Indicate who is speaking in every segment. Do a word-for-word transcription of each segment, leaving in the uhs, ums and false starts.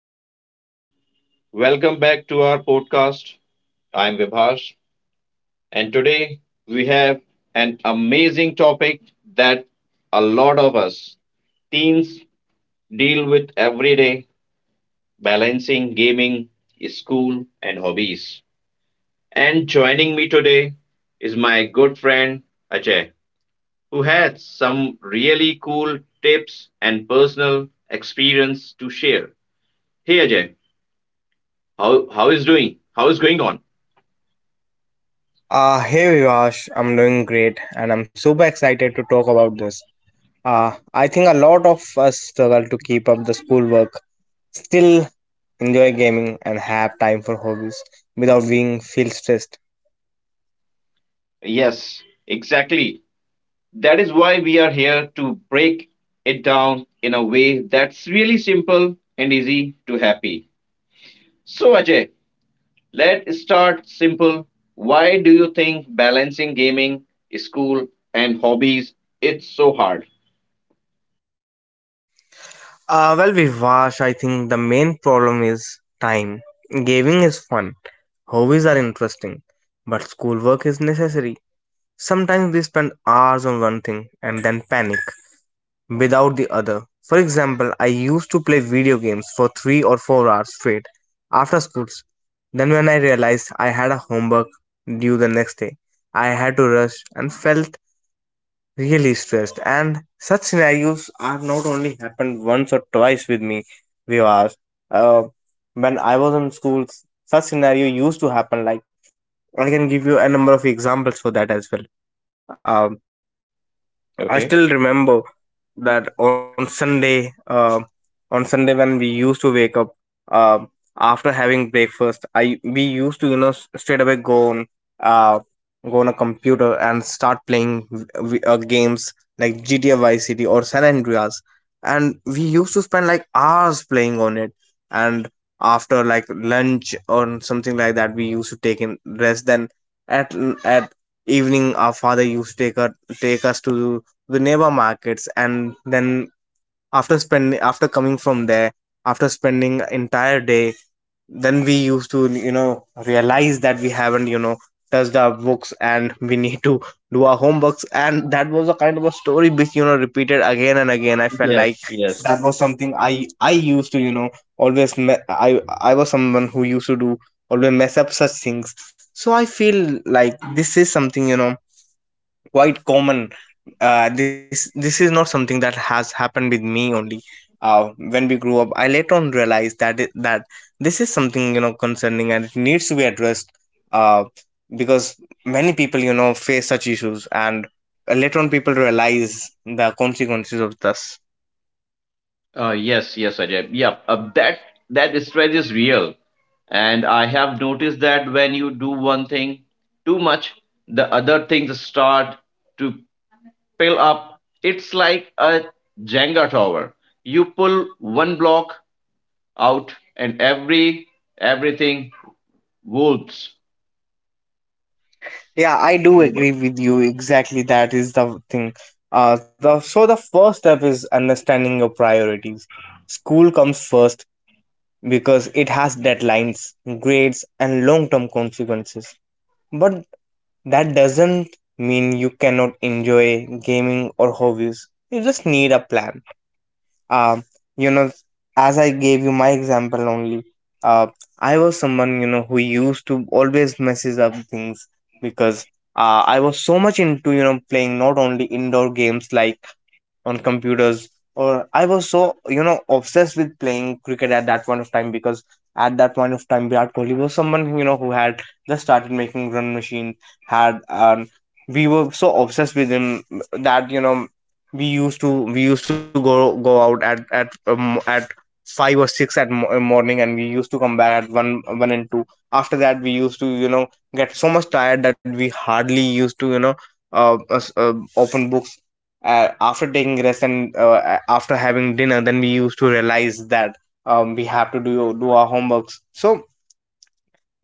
Speaker 1: everyone, welcome back to our podcast. I'm Vibhash, and today we have an amazing topic that a lot of us teens deal with every day, balancing gaming, school, and hobbies. And joining me today is my good friend Ajay, who has some really cool tips and personal experience to share. Hey Ajay, how, how is doing? How is going on?
Speaker 2: Uh, hey Vivash, I'm doing great and I'm super excited to talk about this. Uh, I think a lot of us struggle to keep up the schoolwork, still enjoy gaming and have time for hobbies without being feel stressed.
Speaker 1: Yes, exactly. That is why we are here to break it down in a way that's really simple and easy to happy. So, Ajay, let's start simple. Why do you think balancing gaming, school, and hobbies it's so hard?
Speaker 2: Uh, well Vivash, I think the main problem is time. Gaming is fun, hobbies are interesting, but schoolwork is necessary. Sometimes we spend hours on one thing and then panic without the other. For example, I used to play video games for three or four hours straight after schools. Then, when I realized I had a homework due the next day, I had to rush and felt really stressed. And such scenarios have not only happened once or twice with me, Vivas. Uh, when I was in schools, such scenario used to happen. Like I can give you a number of examples for that as well. Um, I still
Speaker 1: Okay.
Speaker 2: remember that on Sunday, uh, on Sunday when we used to wake up, uh, after having breakfast, I we used to you know s- straight away go on, uh, go on a computer and start playing v- v- uh, games like G T A Vice City or San Andreas, and we used to spend like hours playing on it. And after like lunch or something like that, we used to take in rest. Then at at evening, our father used to take us take us to the neighbor markets, and then after spending after coming from there after spending entire day, then we used to you know realize that we haven't you know touched our books, and we need to do our homeworks, and that was a kind of a story which you know repeated again and again. I felt
Speaker 1: Yes,
Speaker 2: like
Speaker 1: yes.
Speaker 2: that was something i i used to you know always me- i i was someone who used to do always mess up such things, so I feel like this is something you know quite common. Uh, this this is not something that has happened with me only. Uh, when we grew up, I later on realized that it, that this is something you know concerning and it needs to be addressed. Uh, because many people you know face such issues, and later on people realize the consequences of this.
Speaker 1: Uh, yes, yes, Ajay. Yeah, uh, that that stress is real. And I have noticed that when you do one thing too much, the other things start to pile up. It's like a Jenga tower. You pull one block out and every everything wolves.
Speaker 2: Yeah, I do agree with you. Exactly, that is the thing. Uh, the so the first step is understanding your priorities. School comes first, because it has deadlines, grades, and long term consequences. But that doesn't mean you cannot enjoy gaming or hobbies. You just need a plan. um you know as I gave you my example only, uh I was someone you know who used to always messes up things, because uh, I was so much into you know playing not only indoor games like on computers, or I was so you know obsessed with playing cricket at that point of time, because at that point of time Virat Kohli was someone you know who had just started making run machine, had um, we were so obsessed with him that you know we used to we used to go go out at at um, at five or six at mo- morning, and we used to come back at one one and two. After that, we used to you know get so much tired that we hardly used to you know uh, us- uh open books. Uh, after taking rest and uh, a- after having dinner, then we used to realize that, um, we have to do do our homeworks. So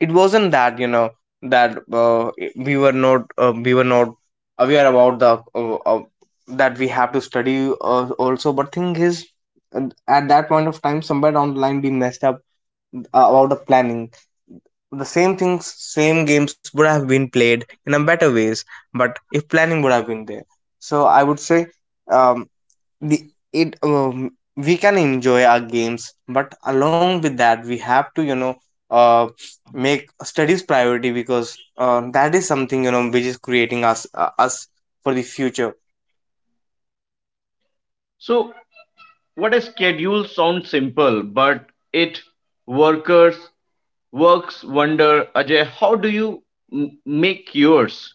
Speaker 2: it wasn't that you know that, uh, we were not uh, we were not aware about the, uh, uh, that we have to study, uh, also, but thing is, uh, at that point of time somewhere down the line we messed up, uh, about the planning. The same things, same games would have been played in a better ways, but if planning would have been there. So I would say, um, the it um, we can enjoy our games, but along with that we have to, you know uh, make studies priority, because uh, that is something you know which is creating us uh, us for the future.
Speaker 1: So what a schedule sounds simple, but it workers works wonder. Ajay, how do you m- make yours?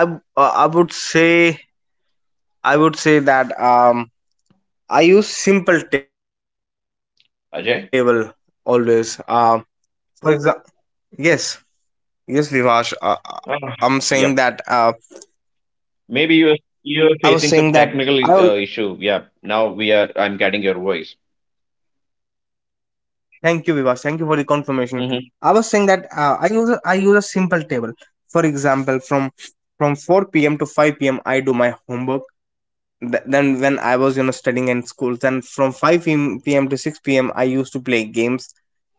Speaker 2: I w- uh, I would say i would say that, um I use simple table always, uh,
Speaker 1: Ajay.
Speaker 2: for example. Yes, yes Vivash, uh, uh, I'm saying that, uh,
Speaker 1: Uh, yep.
Speaker 2: I was
Speaker 1: Maybe
Speaker 2: saying
Speaker 1: you're
Speaker 2: that. i
Speaker 1: you're
Speaker 2: al-
Speaker 1: facing some technical uh, issue. Yeah. Now we are. I'm getting your voice.
Speaker 2: Thank you, Viva. Thank you for the confirmation. I was saying
Speaker 1: Hmm.
Speaker 2: that, uh, I use a, I use a simple table. For example, from from four p m to five p m. I do my homework. Th- then when I was you know studying in school, then from five p m to six p m. I used to play games.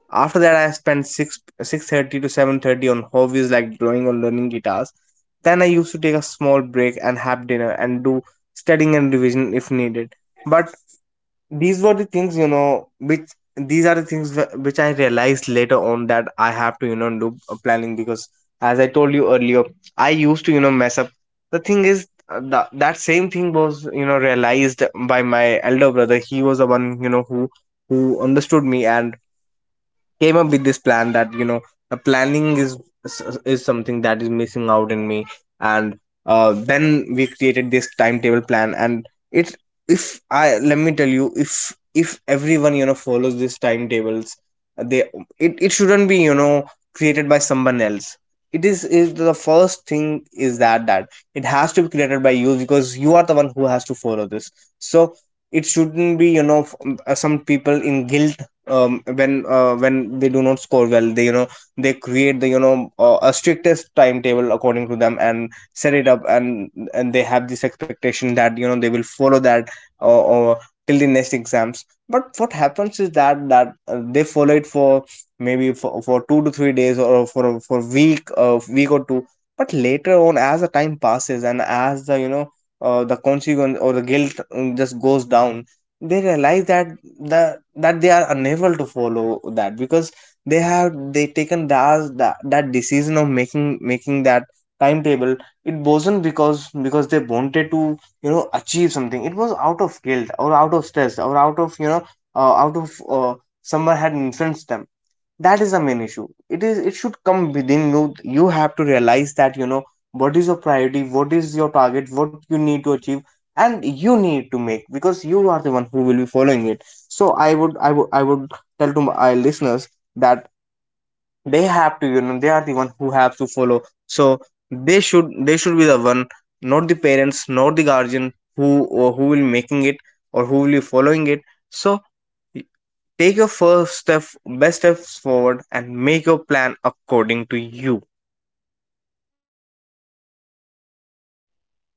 Speaker 2: After that, I spent six six thirty to seven thirty on hobbies like drawing or learning guitars. Then I used to take a small break and have dinner and do studying and revision if needed. But these were the things you know which these are the things wh- which I realized later on that I have to you know do a planning, because as I told you earlier, I used to you know mess up. The thing is, uh, the, that same thing was you know realized by my elder brother. He was the one you know who who understood me and came up with this plan that, you know the planning is is something that is missing out in me. And uh, then we created this timetable plan, and it if I let me tell you, if if everyone you know follows these timetables, they, it, it shouldn't be you know created by someone else. It is is the first thing. Is that that it has to be created by you, because you are the one who has to follow this. So it shouldn't be, you know f- uh, some people in guilt, um, when uh, when they do not score well, they you know they create the, you know uh, a strictest timetable according to them, and set it up, and and they have this expectation that, you know they will follow that, or, or till the next exams. But what happens is that that, uh, they follow it for maybe for, for two to three days, or for for week, uh, week or two. But later on as the time passes, and as the, you know uh, the consequence or the guilt, um, just goes down, they realize that the that they are unable to follow that, because they have they taken that that, that decision of making making that timetable. It wasn't because because they wanted to you know achieve something. It was out of guilt, or out of stress, or out of, you know uh, out of uh, someone had influenced them. That is the main issue. It is it should come within you you have to realize that, you know what is your priority, what is your target, what you need to achieve, and you need to make, because you are the one who will be following it. So i would i would I would tell to my listeners that they have to, you know they are the one who have to follow. So they should they should be the one, not the parents, not the guardian who, or who will making it, or who will be following it. So take your first step, best steps forward, and make your plan according to you.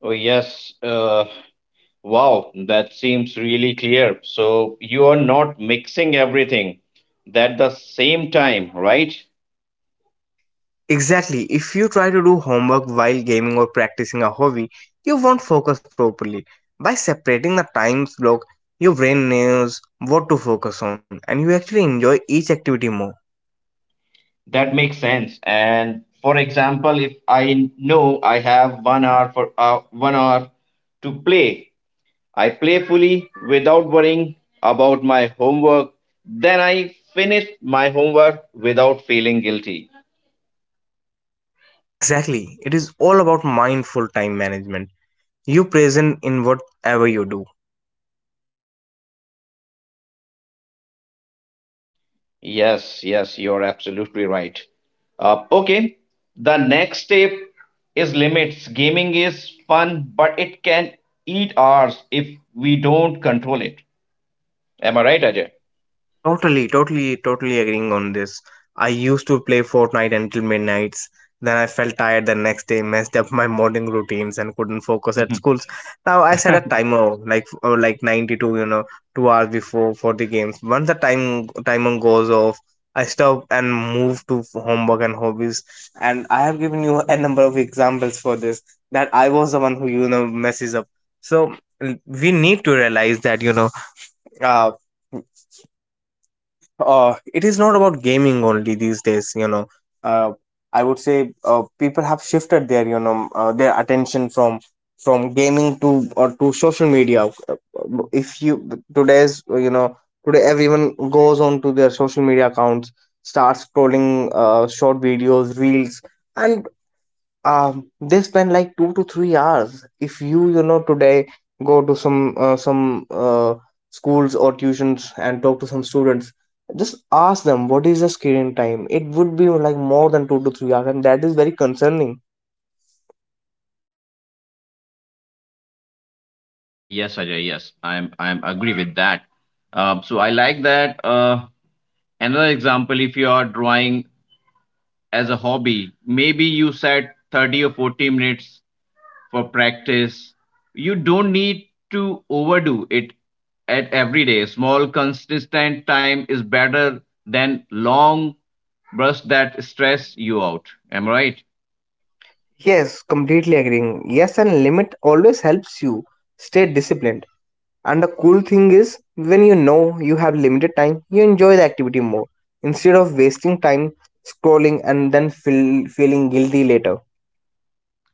Speaker 1: Oh yes. Uh, Wow, that seems really clear. So you are not mixing everything at the same time, right?
Speaker 2: Exactly. If you try to do homework while gaming or practicing a hobby, you won't focus properly. By separating the time block, your brain knows what to focus on and you actually enjoy each activity more.
Speaker 1: That makes sense. And for example, if I know I have one hour for uh, one hour to play, I play fully without worrying about my homework. Then I finish my homework without feeling guilty.
Speaker 2: Exactly. It is all about mindful time management. You present in whatever you do.
Speaker 1: Yes, yes, you're absolutely right. Uh, okay, the next step is limits. Gaming is fun, but it can eat ours if we don't control it. Am I right, Ajay?
Speaker 2: Totally, totally, totally agreeing on this. I used to play Fortnite until midnights. Then I felt tired the next day, messed up my morning routines, and couldn't focus at schools. Now I set a timer like uh, like ninety two, you know, two hours before for the games. Once the time timer goes off, I stop and move to homework and hobbies. And I have given you a number of examples for this that I was the one who you know messes up. So l- we need to realize that, you know. Uh, uh it is not about gaming only these days, you know uh I would say, uh, people have shifted their you know uh, their attention from from gaming to or to social media. Uh, uh, if you today's uh, you know Today everyone goes on to their social media accounts, starts scrolling uh, short videos, reels, and um they spend like two to three hours. If you you know today go to some uh, some uh, schools or tuitions and talk to some students, just ask them what is the screen time. It would be like more than two to three hours, and that is very concerning.
Speaker 1: Yes, Ajay, yes. I'm I'm agree with that. Uh, so I like that. Uh, another example, if you are drawing as a hobby, maybe you set thirty or forty minutes for practice. You don't need to overdo it at every day. Small, consistent time is better than long bursts that stress you out. Am I right?
Speaker 2: Yes, completely agreeing. Yes, and limit always helps you stay disciplined. And the cool thing is, when you know you have limited time, you enjoy the activity more instead of wasting time scrolling and then feel, feeling guilty later.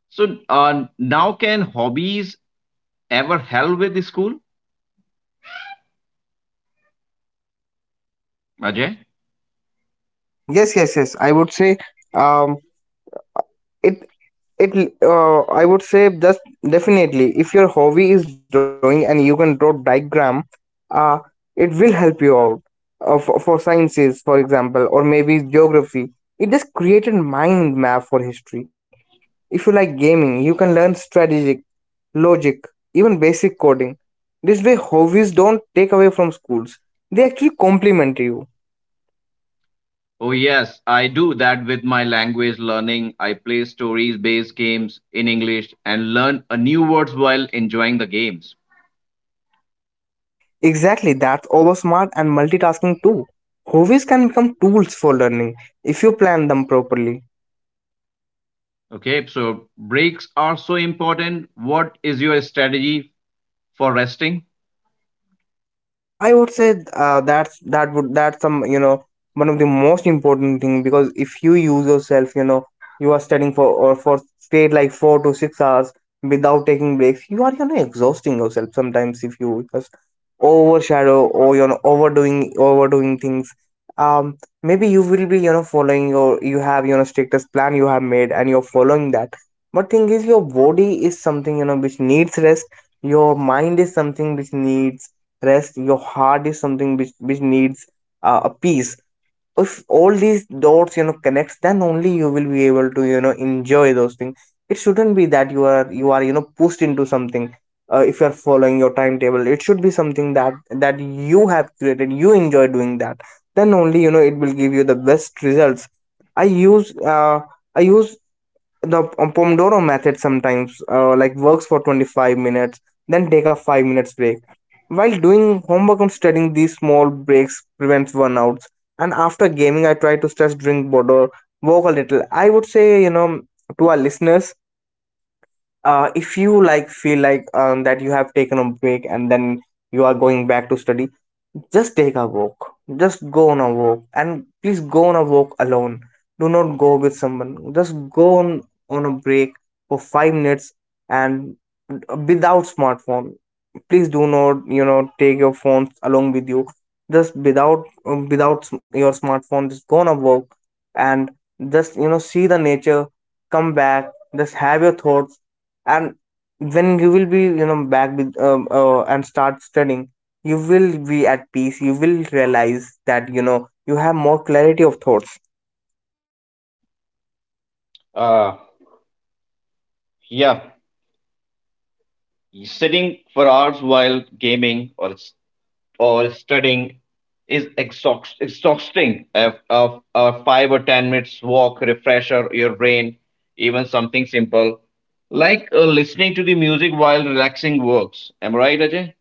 Speaker 1: So, uh, now can hobbies ever help with the school, Ajay?
Speaker 2: Yes, yes, yes. I would say um it it uh, I would say, just definitely, if your hobby is drawing and you can draw diagram, uh it will help you out uh, for, for sciences, for example, or maybe geography. It just created mind map for history. If you like gaming, you can learn strategic, logic, even basic coding. This way, hobbies don't take away from schools. They actually complement you.
Speaker 1: Oh, yes, I do that with my language learning. I play stories based games in English and learn a new words while enjoying the games.
Speaker 2: Exactly, that's oversmart and multitasking too. Hobbies can become tools for learning if you plan them properly.
Speaker 1: Okay, so breaks are so important. What is your strategy for resting?
Speaker 2: Uh, I would say uh, that's that would that's some, you know, one of the most important thing, because if you use yourself, you know, you are studying for or for straight like four to six hours without taking breaks, you are, you know, exhausting yourself. Sometimes if you just overshadow, or you know, overdoing overdoing things. Um, maybe you will be, you know, following, or you have, you know, strictest plan you have made and you're following that. But thing is, your body is something, you know, which needs rest. Your mind is something which needs rest. Your heart is something which which needs uh, a peace. If all these dots, you know, connects, then only you will be able to, you know, enjoy those things. It shouldn't be that you are you are, you know, pushed into something. Uh, if you are following your timetable, it should be something that that you have created, you enjoy doing that. Then only, you know, it will give you the best results. I use uh, i use the uh, Pomodoro method sometimes, uh, like works for twenty-five minutes, then take a five minutes break while doing homework and studying. These small breaks prevents burnout. And after gaming, I try to stress, drink water, walk a little. I would say, you know, to our listeners, uh, if you like feel like um, that you have taken a break and then you are going back to study, just take a walk. Just go on a walk, and please go on a walk alone. Do not go with someone. Just go on on a break for five minutes. And without smartphone, please do not, you know, take your phones along with you. Just without um, without s- your smartphone, just gonna work. And just, you know, see the nature, come back, just have your thoughts. And when you will be, you know, back with um, uh, and start studying, you will be at peace. You will realize that, you know, you have more clarity of thoughts.
Speaker 1: Uh, yeah, sitting for hours while gaming or or studying is exhaust, exhausting. A, a, a five or ten minutes walk, refresher your brain, even something simple like uh, listening to the music while relaxing works. Am I right, Ajay?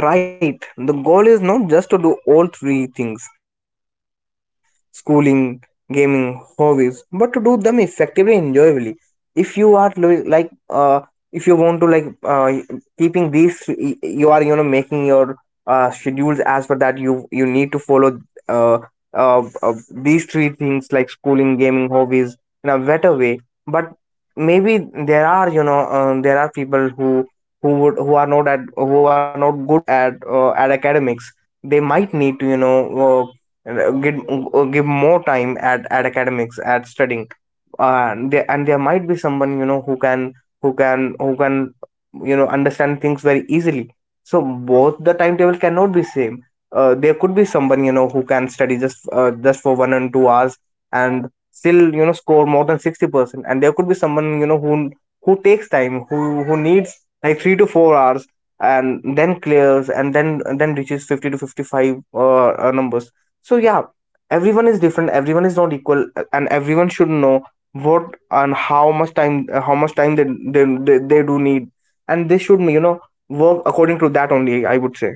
Speaker 2: Yeah, right. The goal is not just to do all three things, schooling, gaming, hobbies, but to do them effectively and enjoyably. If you are lo- like, uh, If you want to like uh, keeping these, three- you are, you know, making your uh, schedules as per that, you you need to follow uh, uh, uh, these three things like schooling, gaming, hobbies in a better way. But maybe there are, you know, uh, there are people who who would who are not at who are not good at uh, at academics. They might need to, you know, uh, give uh, give more time at at academics, at studying. Uh, and there and there might be someone, you know, who can who can who can, you know, understand things very easily. So both the timetable cannot be same. Uh, there could be someone, you know, who can study just uh, just for one and two hours and still, you know, score more than sixty percent. And there could be someone, you know, who who takes time, who who needs like three to four hours and then clears and then and then reaches fifty to fifty-five uh, uh, numbers. So yeah, everyone is different, everyone is not equal. Uh, and everyone should know what and how much time, how much time they they, they, they do need, and they should, you know, work according to that only, I would say.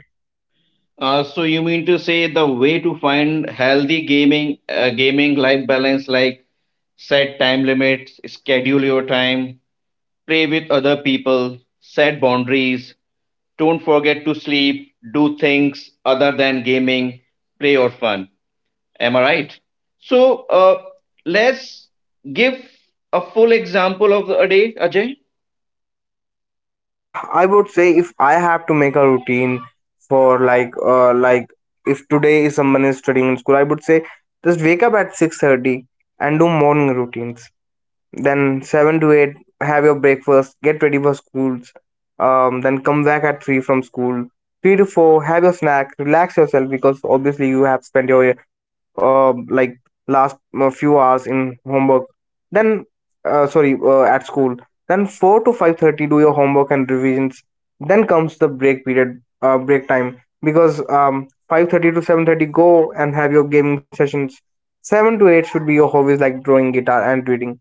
Speaker 1: Uh, so you mean to say the way to find healthy gaming uh, gaming life balance like set time limits, schedule your time, play with other people, set boundaries, don't forget to sleep, do things other than gaming, play or fun. Am I right? So uh, let's give a full example of a day, Ajay.
Speaker 2: Ah, I would say, if I have to make a routine for like uh like if today is someone is studying in school, I would say, just wake up at six thirty and do morning routines. Then seven to eight, have your breakfast, get ready for schools. Um, then come back at three from school. three to four, have your snack, relax yourself, because obviously you have spent your uh, like last uh, few hours in homework. Then, uh, sorry, uh, at school. Then four to five thirty, do your homework and revisions. Then comes the break period, uh, break time, because um, five thirty to seven thirty, go and have your gaming sessions. seven to eight should be your hobbies like drawing, guitar and reading.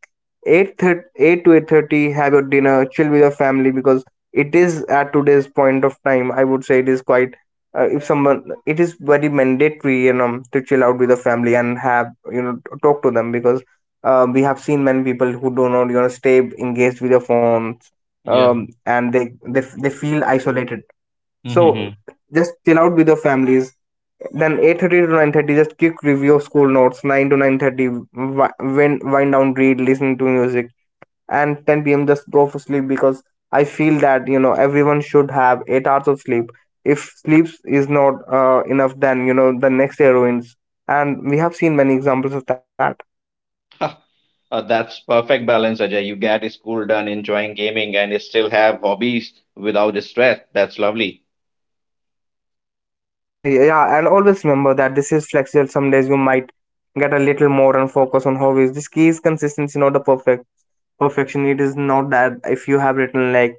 Speaker 2: Eight thirty, eight to eight thirty, have your dinner, chill with your family, because it is, at today's point of time, I would say, it is quite, uh, if someone it is very mandatory, you know, to chill out with the family and have, you know, talk to them. Because uh, we have seen many people who do not, you know, stay engaged with their phones.
Speaker 1: Yeah.
Speaker 2: Um, and they, they they feel isolated. So
Speaker 1: Mm-hmm.
Speaker 2: just chill out with your families. Then eight thirty to nine thirty, just quick review of school notes. nine to nine thirty, wind, wind down, read, listen to music. And ten p m, just go for sleep. Because I feel that, you know, everyone should have eight hours of sleep. If sleep is not uh, enough, then, you know, the next day ruins, and we have seen many examples of that.
Speaker 1: Uh, that's perfect balance, Ajay. You get school done, enjoying gaming, and still have hobbies without the stress. That's lovely.
Speaker 2: Ah, yeah, and always remember that this is flexible. Some days you might get a little more and focus on hobbies. This key is consistency, not the perfect perfection. It is not that if you have written like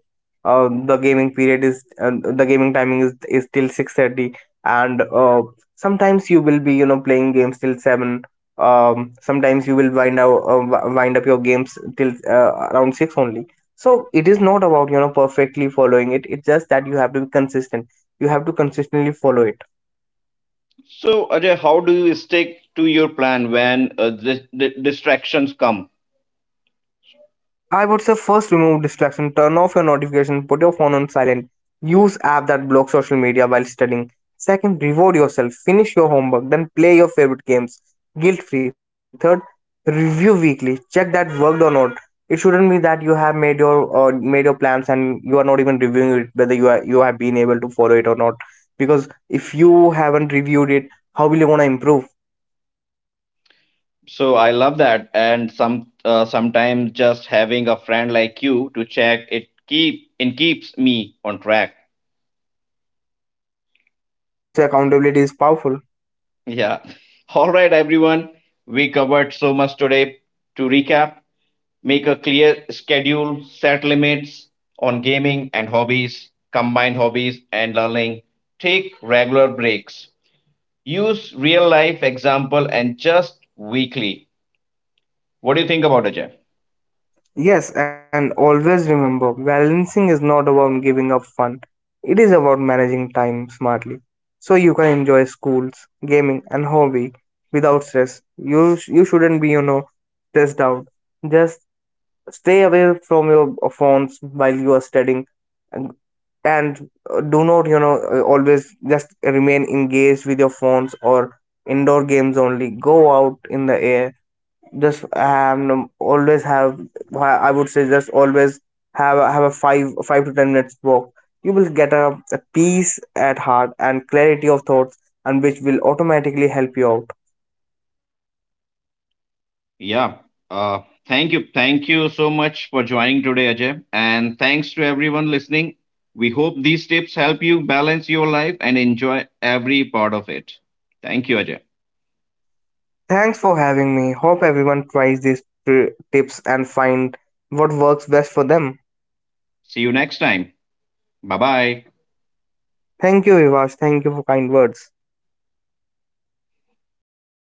Speaker 2: uh, the gaming period is uh, the gaming timing is is till six thirty, and uh, sometimes you will be, you know, playing games till seven. Um, sometimes you will wind out uh, wi- wind up your games till uh, around six only. So it is not about, you know, perfectly following it. It's just that you have to be consistent, you have to consistently follow it.
Speaker 1: So, Ajay, how do you stick to your plan when uh, the, the distractions come?
Speaker 2: I would say, first, remove distraction, turn off your notification, put your phone on silent, use app that block social media while studying. Second, reward yourself, finish your homework, then play your favorite games guilt free. Third, review weekly, check that worked or not. It shouldn't be that you have made your uh, made your plans and you are not even reviewing it, whether you are you have been able to follow it or not. Because if you haven't reviewed it, how will you wanna improve?
Speaker 1: So, I love that. And some uh, sometimes just having a friend like you to check it keep it keeps me on track.
Speaker 2: Exactly, I would say accountability is powerful.
Speaker 1: Yeah. All right, everyone. We covered so much today. To recap, make a clear schedule, set limits on gaming and hobbies, combine hobbies and learning, take regular breaks. Use real life example and just weekly. What do you think about Ajay?
Speaker 2: Yes, and always remember, balancing is not about giving up fun, it is about managing time smartly. So you can enjoy schools, gaming, and hobby without stress. You, sh- you shouldn't be, you know, stressed out. Just stay away from your phones while you are studying. And and uh, do not, you know, uh, always just remain engaged with your phones or indoor games only. Go out in the air. Just um Always have, I would say, just always have a- have a five five to ten minutes walk. You will get a a peace at heart and clarity of thoughts, and which will automatically help you out.
Speaker 1: Yeah. Uh, thank you. Thank you so much for joining today, Ajay. And thanks to everyone listening. We hope these tips help you balance your life and enjoy every part of it. Thank you, Ajay.
Speaker 2: Thanks for having me. Hope everyone tries these tri- tips and find what works best for them.
Speaker 1: See you next time. Bye bye.
Speaker 2: Thank you, Vivash. Thank you for kind words.